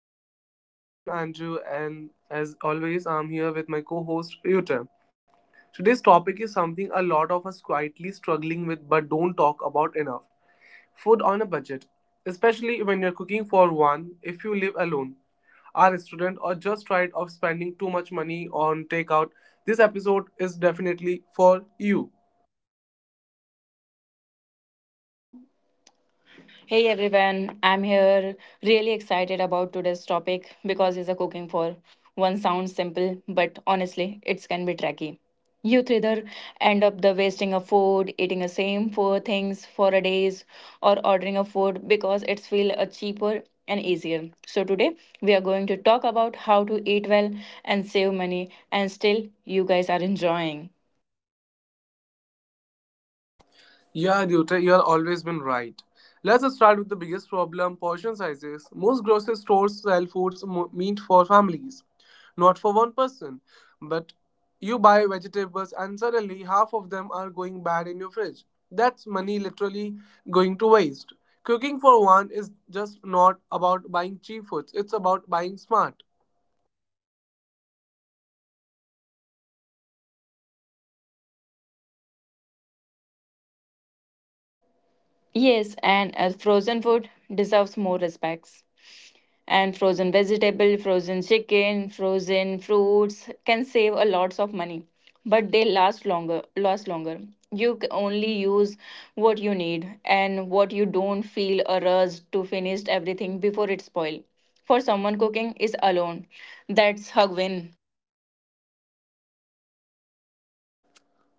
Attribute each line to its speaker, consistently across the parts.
Speaker 1: to the podcast. I'm Andrew, and as always, I'm here with my co host Yuta. Today's topic is something a lot of us quietly struggling with but don't talk about enough food on a budget, especially when you're cooking for one if you live alone, are a student, or just tired of spending too much money on takeout. This episode is definitely for you.
Speaker 2: Hey everyone, I'm here really excited about today's topic because it's a cooking for one sounds simple, but honestly, it can be tricky. Youth either end up the wasting of food, eating the same four things for a days, or ordering a food because it's feel a cheaper and easier. So today we are going to talk about how to eat well and save money and still you guys are enjoying.
Speaker 1: Yeah, Dutta, you have always been right. Let's start with the biggest problem portion sizes. Most grocery stores sell foods meant for families, not for one person. But you buy vegetables, and suddenly half of them are going bad in your fridge. That's money literally going to waste. Cooking for one is just not about buying cheap foods, it's about buying smart.
Speaker 2: Yes, and as frozen food deserves more respects. And frozen vegetable frozen chicken frozen fruits can save a lots of money but they last longer only use what you need and what you don't feel a rush to finish everything before it spoil for someone cooking is alone that's her win.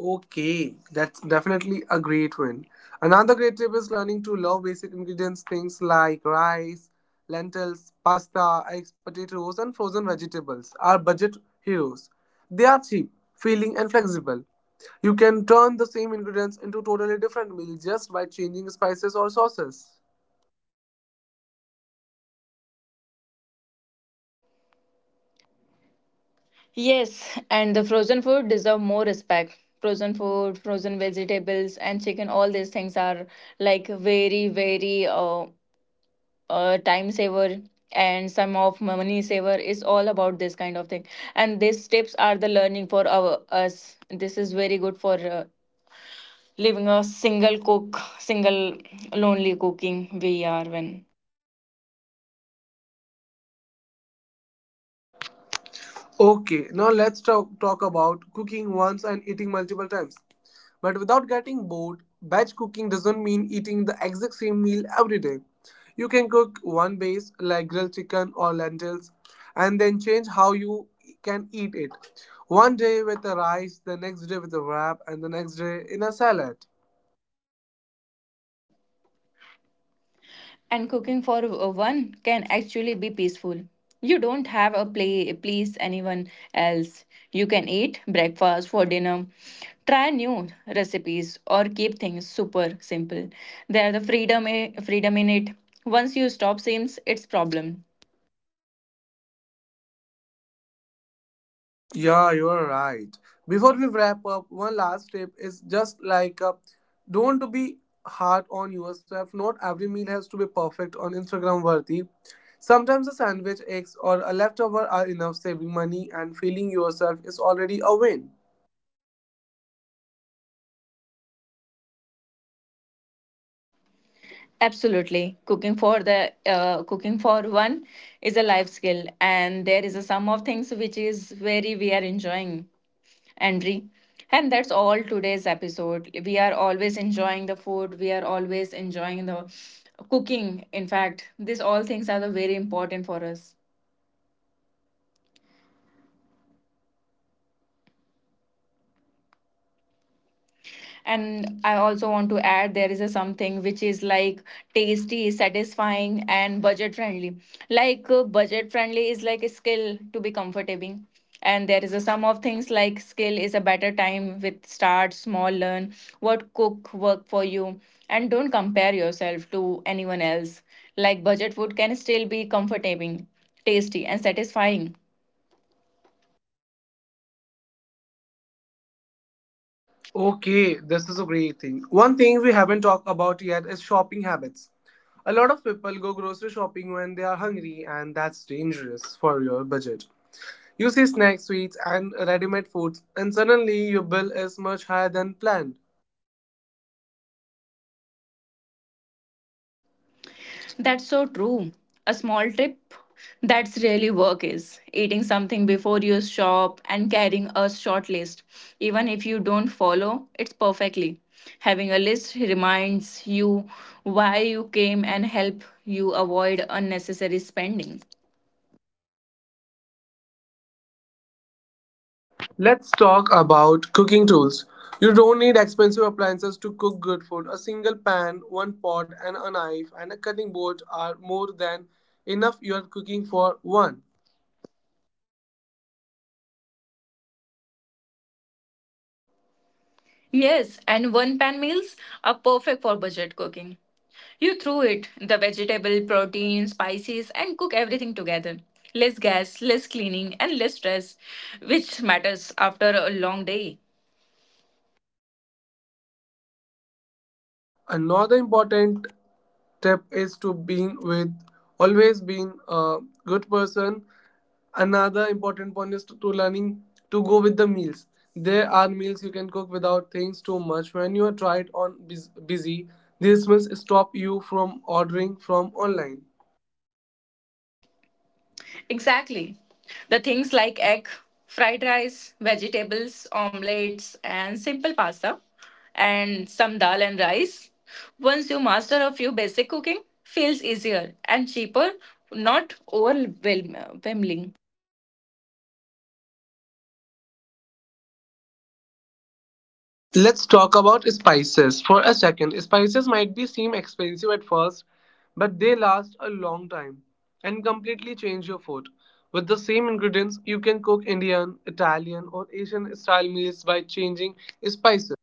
Speaker 1: Okay, that's definitely a great one. Another great tip is learning to love basic ingredients, things like rice, lentils, pasta, eggs, potatoes, and frozen vegetables are budget heroes. They are cheap, filling, and flexible. You can turn the same ingredients into totally different meals just by changing spices or sauces.
Speaker 2: Yes, and the frozen food deserve more respect. Frozen food, frozen vegetables, and chicken, all these things are like very, very time saver and some of money saver is all about this kind of thing, and these tips are the learning for our us, this is very good for living a single cook single lonely cooking we are when
Speaker 1: Okay, now let's talk about cooking once and eating multiple times. But without getting bored, batch cooking doesn't mean eating the exact same meal every day. You can cook one base like grilled chicken or lentils and then change how you can eat it. One day with a rice, the next day with a wrap, and the next day in a salad.
Speaker 2: and cooking for one can actually be peaceful. You don't have a play please anyone else. You can eat breakfast for dinner, try new recipes or keep things super simple. There the freedom in it. Once you stop seems it's problem.
Speaker 1: Yeah, you're right. Before we wrap up, one last tip is just like don't be hard on yourself. Not every meal has to be perfect on Instagram worthy. Sometimes a sandwich, eggs, or a leftover are enough. Saving money and feeling yourself is already a win.
Speaker 2: Absolutely. Cooking for the cooking for one is a life skill and there is a sum of things which is very we are enjoying. and And that's all today's episode. We are always enjoying the food. We are always enjoying the cooking. In fact, these all things are the very important for us. And I also want to add there is a something which is like tasty satisfying and budget friendly, like budget friendly is like a skill to be comfortable, and there is a sum of things like skill is a better time with start small learn what cook work for you and don't compare yourself to anyone else, like budget food can still be comforting tasty and satisfying.
Speaker 1: Okay, this is a great thing. One thing we haven't talked about yet is shopping habits. A lot of people go grocery shopping when they are hungry, and that's dangerous for your budget. You see snack sweets and ready-made foods, and suddenly your bill is much higher than planned.
Speaker 2: That's so true. A small trip, that's really work is. Eating something before you shop and carrying a short list. Even if you don't follow, it's perfectly. Having a list reminds you why you came and help you avoid unnecessary spending.
Speaker 1: Let's talk about cooking tools. You don't need expensive appliances to cook good food. A single pan, one pot, and a knife and a cutting board are more than enough you are cooking for one.
Speaker 2: Yes, and one pan meals are perfect for budget cooking. You throw it the vegetable, protein, spices, and cook everything together. Less gas, less cleaning, and less stress, which matters after a long day.
Speaker 1: Another important tip is to being with always being a good person. Another important point is to learning to go with the meals. There are meals you can cook without things too much. When you are tried on busy, these meals stop you from ordering from online.
Speaker 2: Exactly. The things like egg, fried rice, vegetables, omelets, and simple pasta, and some dal and rice. Once you master a few basic cooking, feels easier and cheaper, not overwhelming.
Speaker 1: Let's talk about spices for a second. Spices might be seem expensive at first, but they last a long time and completely change your food. With the same ingredients, you can cook Indian, Italian, or Asian style meals by changing spices.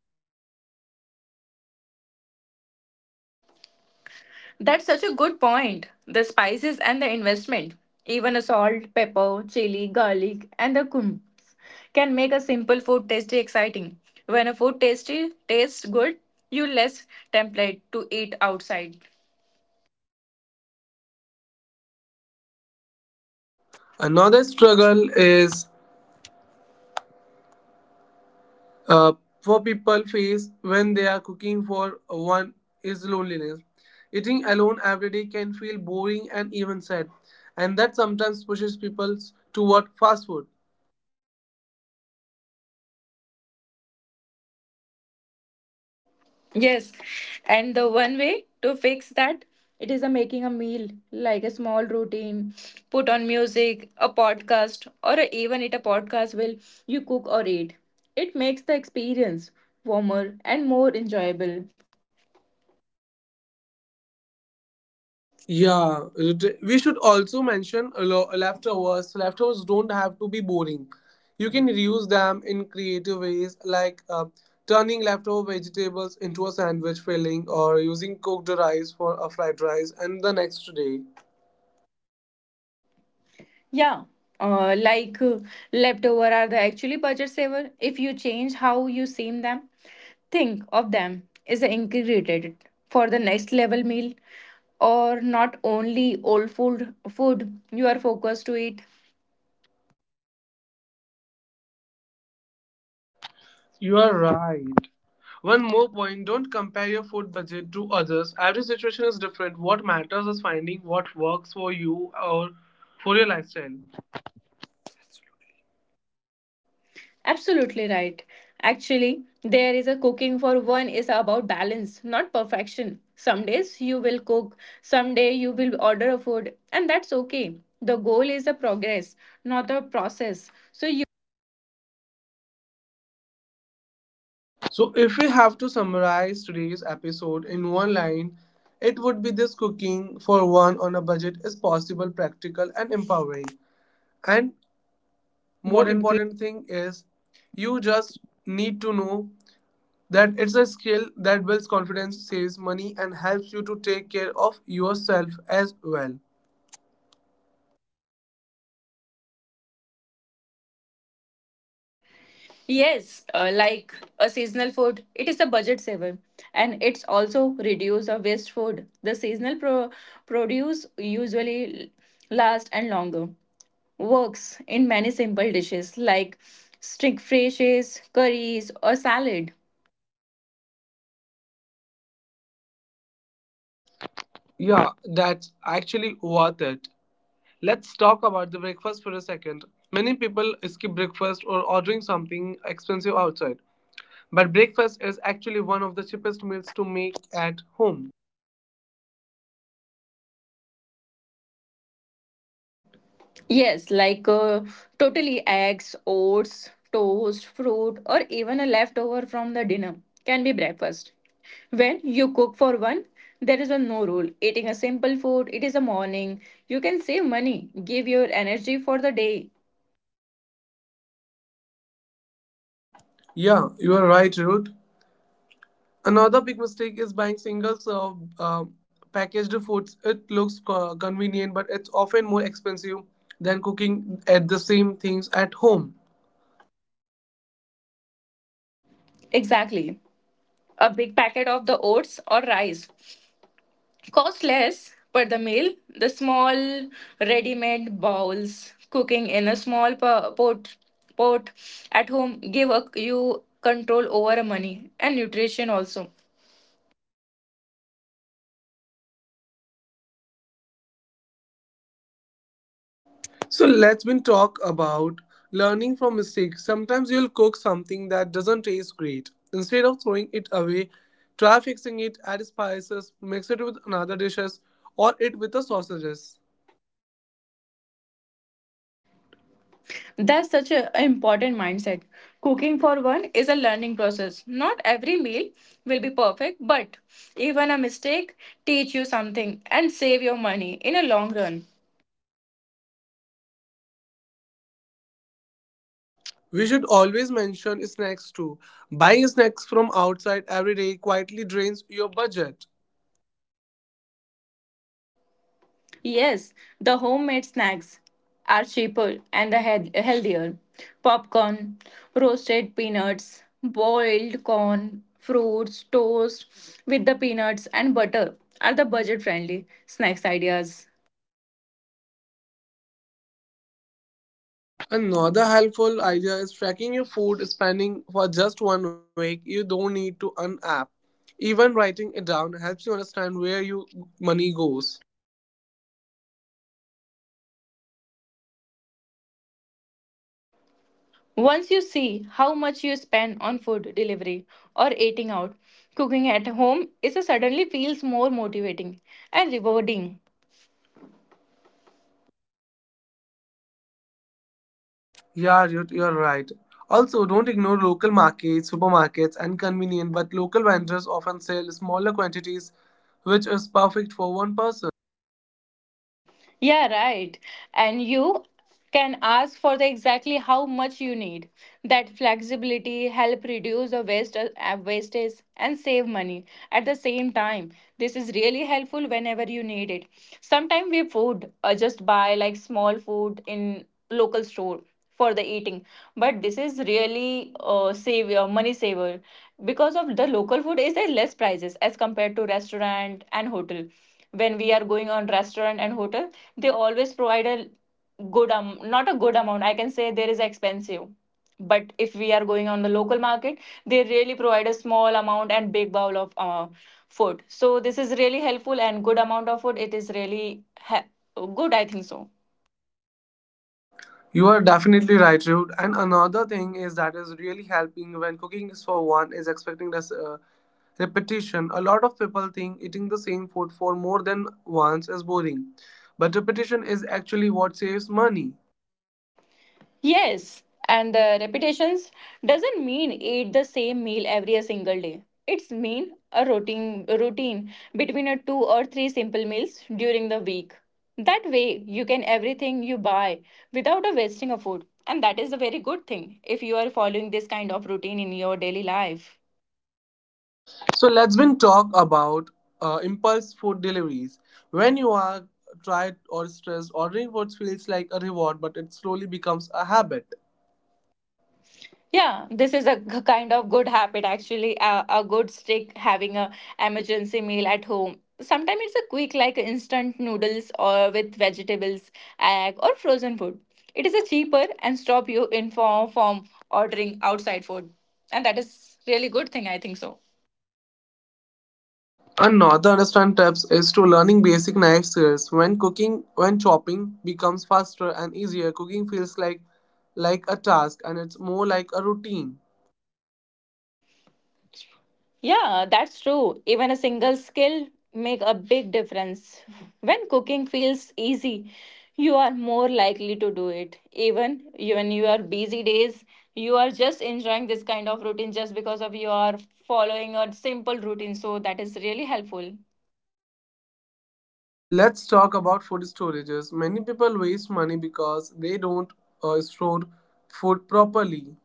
Speaker 2: That's such a good point. The spices and the investment, even a salt, pepper, chili, garlic, and the cumin, can make a simple food tasty exciting. When a food tasty tastes good, you less tempted to eat outside.
Speaker 1: Another struggle is uh, for people face when they are cooking for one is loneliness. Eating alone every day can feel boring and even sad, and that sometimes pushes people toward fast food.
Speaker 2: Yes, and the one way to fix that it is a making a meal like a small routine, put on music, a podcast, or even eat a podcast while you cook or eat. It makes the experience warmer and more enjoyable.
Speaker 1: Yeah, we should also mention leftovers. Leftovers don't have to be boring. You can reuse them in creative ways, like turning leftover vegetables into a sandwich filling or using cooked rice for a fried rice and the next day.
Speaker 2: Yeah, uh, like uh, leftover are the actually budget saver if you change how you seam them. Think of them as a integrated for the next level meal or not only old food you are focused to eat.
Speaker 1: You are right. One more point don't compare your food budget to others. Every situation is different. What matters is finding what works for you or for your lifestyle.
Speaker 2: Absolutely right. Actually, there is a cooking for one is about balance, not perfection. Some days you will cook, some day you will order a food, and that's okay. The goal is a progress, not a process. So
Speaker 1: So, if we have to summarize today's episode in one line, it would be this cooking for one on a budget is possible, practical, and empowering. And more important thing is you just need to know that it's a skill that builds confidence, saves money, and helps you to take care of yourself as well.
Speaker 2: yes, like a seasonal food, it is a budget saver and it's also reduce of waste food. The produce usually last and longer. Works in many simple dishes like string fishes, curries or salad.
Speaker 1: Yeah, that's actually worth it. Let's talk about the breakfast for a second. Many people skip breakfast or ordering something expensive outside, but breakfast is actually one of the cheapest meals to make at home.
Speaker 2: Yes, like totally eggs, oats, toast, fruit, or even a leftover from the dinner can be breakfast. When you cook for one, there is a no rule. Eating a simple food, it is a morning. You can save money, give your energy for the day.
Speaker 1: Yeah, you are right, Ruth. Another big mistake is buying single serve packaged foods. It looks convenient, but it's often more expensive than cooking at the same things at home.
Speaker 2: Exactly. A big packet of the oats or rice cost less per the meal. The small ready-made bowls cooking in a small pot at home give a, you control over money and nutrition also.
Speaker 1: So let's been talk about learning from mistakes. Sometimes you'll cook something that doesn't taste great. Instead of throwing it away, try fixing it, add spices, mix it with another dishes, or it with the sausages.
Speaker 2: That's such an important mindset. Cooking for one is a learning process. Not every meal will be perfect, but even a mistake teach you something and save your money in a long run.
Speaker 1: We should always mention snacks too. Buying snacks from outside every day quietly drains your budget.
Speaker 2: Yes, the homemade snacks are cheaper and healthier. Popcorn, roasted peanuts, boiled corn, fruits, toast with the peanuts and butter are the budget friendly snacks ideas.
Speaker 1: Another helpful idea is tracking your food spending for just one week. You don't need to an app. Even writing it down helps you understand where your money goes.
Speaker 2: Once you see how much you spend on food delivery or eating out, cooking at home is a suddenly feels more motivating and rewarding.
Speaker 1: Yeah, you're right. Also, don't ignore local markets, supermarkets, and convenient, but local vendors often sell smaller quantities, which is perfect for one person.
Speaker 2: Yeah, right. And you can ask for the exactly how much you need. That flexibility help reduce the waste wastage and save money at the same time. This is really helpful whenever you need it. Sometimes we food just buy like small food in local store for the eating, but this is really save your money saver because of the local food is at less prices as compared to restaurant and hotel. When we are going on restaurant and hotel, they always provide a good not a good amount, I can say there is expensive, but if we are going on the local market, they really provide a small amount and big bowl of food. So this is really helpful and good amount of food, it is really ha- good I think so.
Speaker 1: You are definitely right, Rude. And another thing is that is really helping when cooking is for one is expecting this repetition. A lot of people think eating the same food for more than once is boring, but repetition is actually what saves money.
Speaker 2: Yes, and the repetitions doesn't mean eat the same meal every single day. It's mean a routine between a two or three simple meals during the week. That way you can everything you buy without a wasting of food. And that is a very good thing if you are following this kind of routine in your daily life.
Speaker 1: So let's been talk about impulse food deliveries. When you are tired or stressed, ordering food feels like a reward, but it slowly becomes a habit.
Speaker 2: Yeah, this is a kind of good habit actually. A good stick having a emergency meal at home. Sometimes it's a quick like instant noodles or with vegetables, egg or frozen food. It is a cheaper and stop you in form from ordering outside food, and that is really good thing. I think so.
Speaker 1: Another understand-tips is to learning basic knife skills. When cooking, when chopping becomes faster and easier, cooking feels like a task and it's more like a routine.
Speaker 2: Yeah, that's true. Even a single skill make a big difference. When cooking feels easy, you are more likely to do it. Even when you are busy days, you are just enjoying this kind of routine just because of you are following a simple routine. So that is really helpful.
Speaker 1: Let's talk about food storages. Many people waste money because they don't store food properly.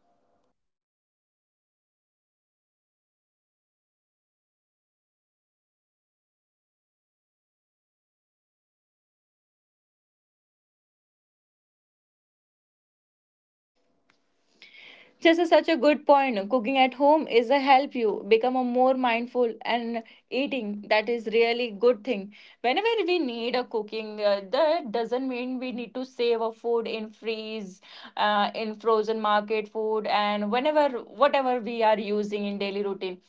Speaker 2: Such a good point. Cooking at home is a help you become a more mindful and eating. That is really good thing. Whenever we need a cooking, that doesn't mean we need to save a food in freeze, in frozen market food, and whenever whatever we are using in daily routine,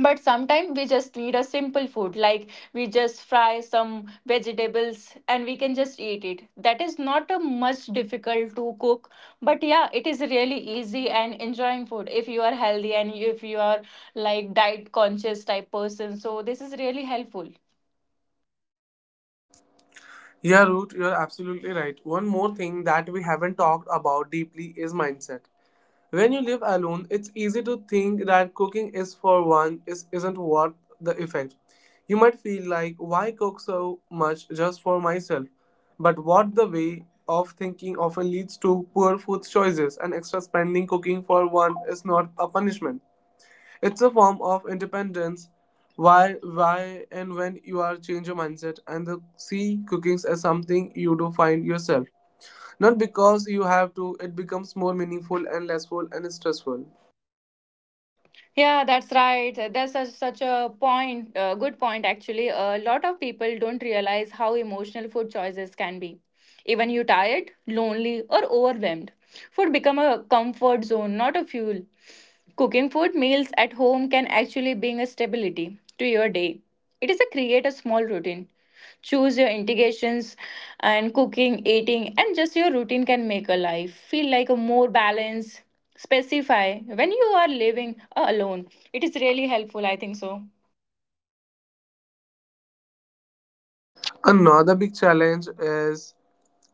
Speaker 2: but sometimes we just need a simple food like we just fry some vegetables and we can just eat it. That is not a much difficult to cook, but yeah, it is really easy and enjoying food if you are healthy and if you are like diet conscious type person. So this is really helpful.
Speaker 1: Yeah, Root, you're absolutely right. One more thing that we haven't talked about deeply is mindset. When you live alone, it's easy to think that cooking is for one isn't worth the effect. You might feel like, why cook so much just for myself? But what the way of thinking often leads to poor food choices and extra spending cooking for one is not a punishment. It's a form of independence. Why, and when you are change your mindset and see cooking as something you do find yourself. Not because you have to, it becomes more meaningful and less full and stressful.
Speaker 2: Yeah, that's right. That's such a point, good point actually. A lot of people don't realize how emotional food choices can be. Even you tired, lonely, or overwhelmed, food become a comfort zone, not a fuel. Cooking food meals at home can actually bring a stability to your day. It is a create a small routine. Choose your integrations and cooking, eating, and just your routine can make a life feel like a more balanced specify when you are living alone, it is really helpful I think so.
Speaker 1: Another big challenge is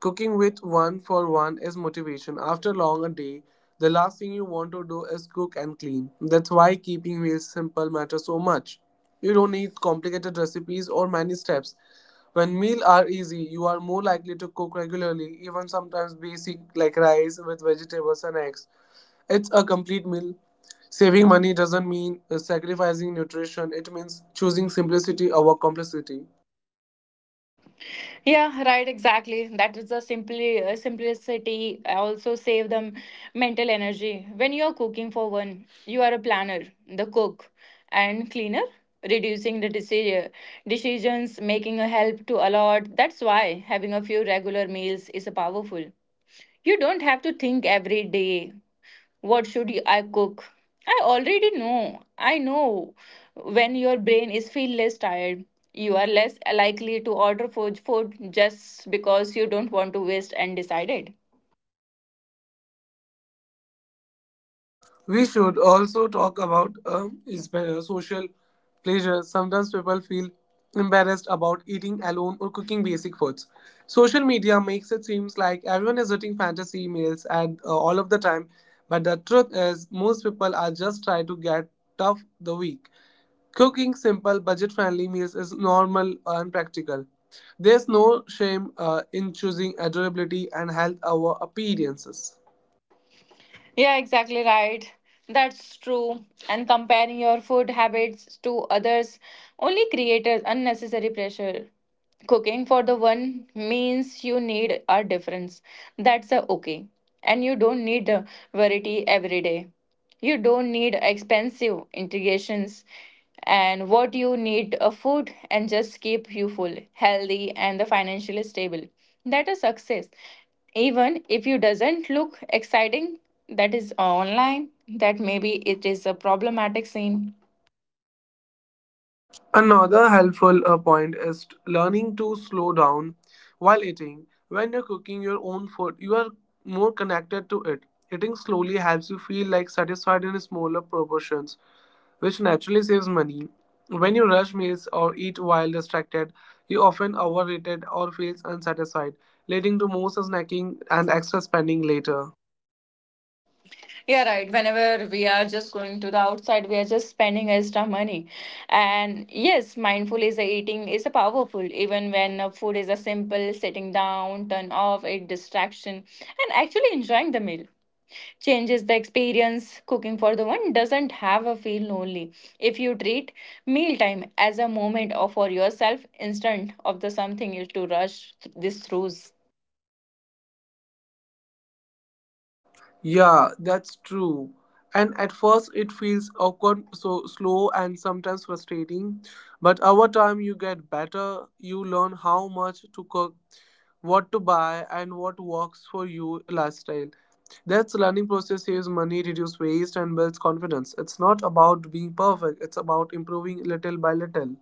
Speaker 1: cooking with one for one is motivation. After long a day, the last thing you want to do is cook and clean. That's why keeping meals simple matters so much. You don't need complicated recipes or many steps. When meals are easy, you are more likely to cook regularly, even sometimes basic like rice with vegetables and eggs. It's a complete meal. Saving money doesn't mean sacrificing nutrition. It means choosing simplicity over complexity.
Speaker 2: Yeah, right, exactly, that is the simply simplicity also save them mental energy. When you are cooking for one, you are a planner, the cook, and cleaner. Reducing the decisions making a help to a lot. That's why having a few regular meals is a powerful. You don't have to think every day, I cook? I already know. I know when your brain is feel less tired, you are less likely to order food just because you don't want to waste and decided.
Speaker 1: We should also talk about is better social pleasure. Sometimes people feel embarrassed about eating alone or cooking basic foods. Social media makes it seems like everyone is eating fantasy meals and all of the time, but the truth is most people are just trying to get tough the week. Cooking simple, budget-friendly meals is normal and practical. There's no shame in choosing adorability and health over appearances.
Speaker 2: Yeah, exactly right. That's true. And comparing your food habits to others only creates unnecessary pressure. Cooking for the one means you need a difference. That's a okay. And you don't need a variety every day. You don't need expensive integrations, and what you need a food and just keep you full, healthy and the financially stable. That is success. Even if you doesn't look exciting, that is online, that maybe it is a problematic scene.
Speaker 1: Another helpful point is learning to slow down while eating. When you're cooking your own food, you are more connected to it. Eating slowly helps you feel like satisfied in smaller proportions, which naturally saves money. When you rush meals or eat while distracted, you often overeat or feels unsatisfied, leading to more snacking and extra spending later.
Speaker 2: Yeah, right. Whenever we are just going to the outside, we are just spending extra money. And yes, mindful is a eating is a powerful. Even when food is a simple sitting down, turn off a distraction, and actually enjoying the meal changes the experience. Cooking for the one doesn't have a feel lonely. If you treat mealtime as a moment or for yourself, instead of the something is to this through.
Speaker 1: Yeah, that's true. And at first it feels awkward, so slow and sometimes frustrating. But over time you get better, you learn how much to cook, what to buy and what works for your lifestyle. That's learning process saves money, reduce waste and builds confidence. It's not about being perfect, it's about improving little by little.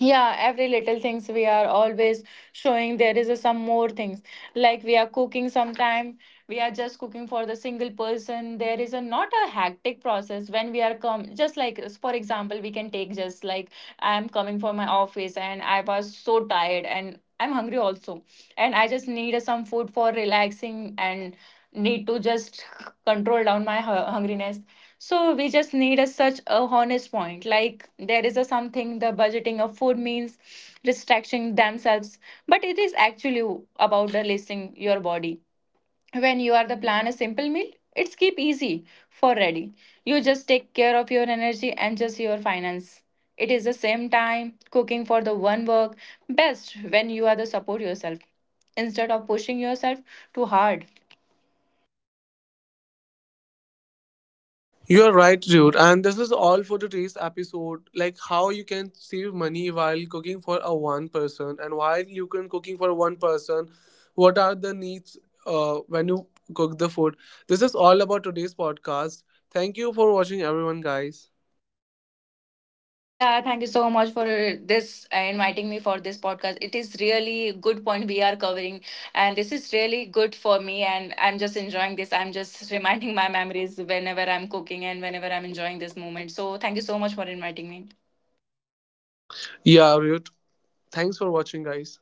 Speaker 2: Yeah, every little things we are always showing there is a, some more things like we are cooking sometime, we are just cooking for the single person. There is a not a hectic process when we are come. Just like for example we can take, just like I am coming from my office and I was so tired and I'm hungry also, and I just need some food for relaxing and need to just control down my hungriness. So we just need a such a honest point. Like there is a something the budgeting of food means restricting themselves, but it is actually about the listing your body. When you are the plan a simple meal, it's keep easy for ready. You just take care of your energy and just your finance. It is the same time cooking for the one work best when you are the support yourself instead of pushing yourself too hard.
Speaker 1: You are right, dude. And this is all for today's episode. Like how you can save money while cooking for a one person, and while you can cooking for one person, what are the needs when you cook the food? This is all about today's podcast. Thank you for watching, everyone, guys.
Speaker 2: Yeah, thank you so much for this inviting me for this podcast. It is really good point we are covering, and this is really good for me. And I'm just enjoying this. I'm just reminding my memories whenever I'm cooking and whenever I'm enjoying this moment. So thank you so much for inviting me.
Speaker 1: Yeah, Ruth. Thanks for watching, guys.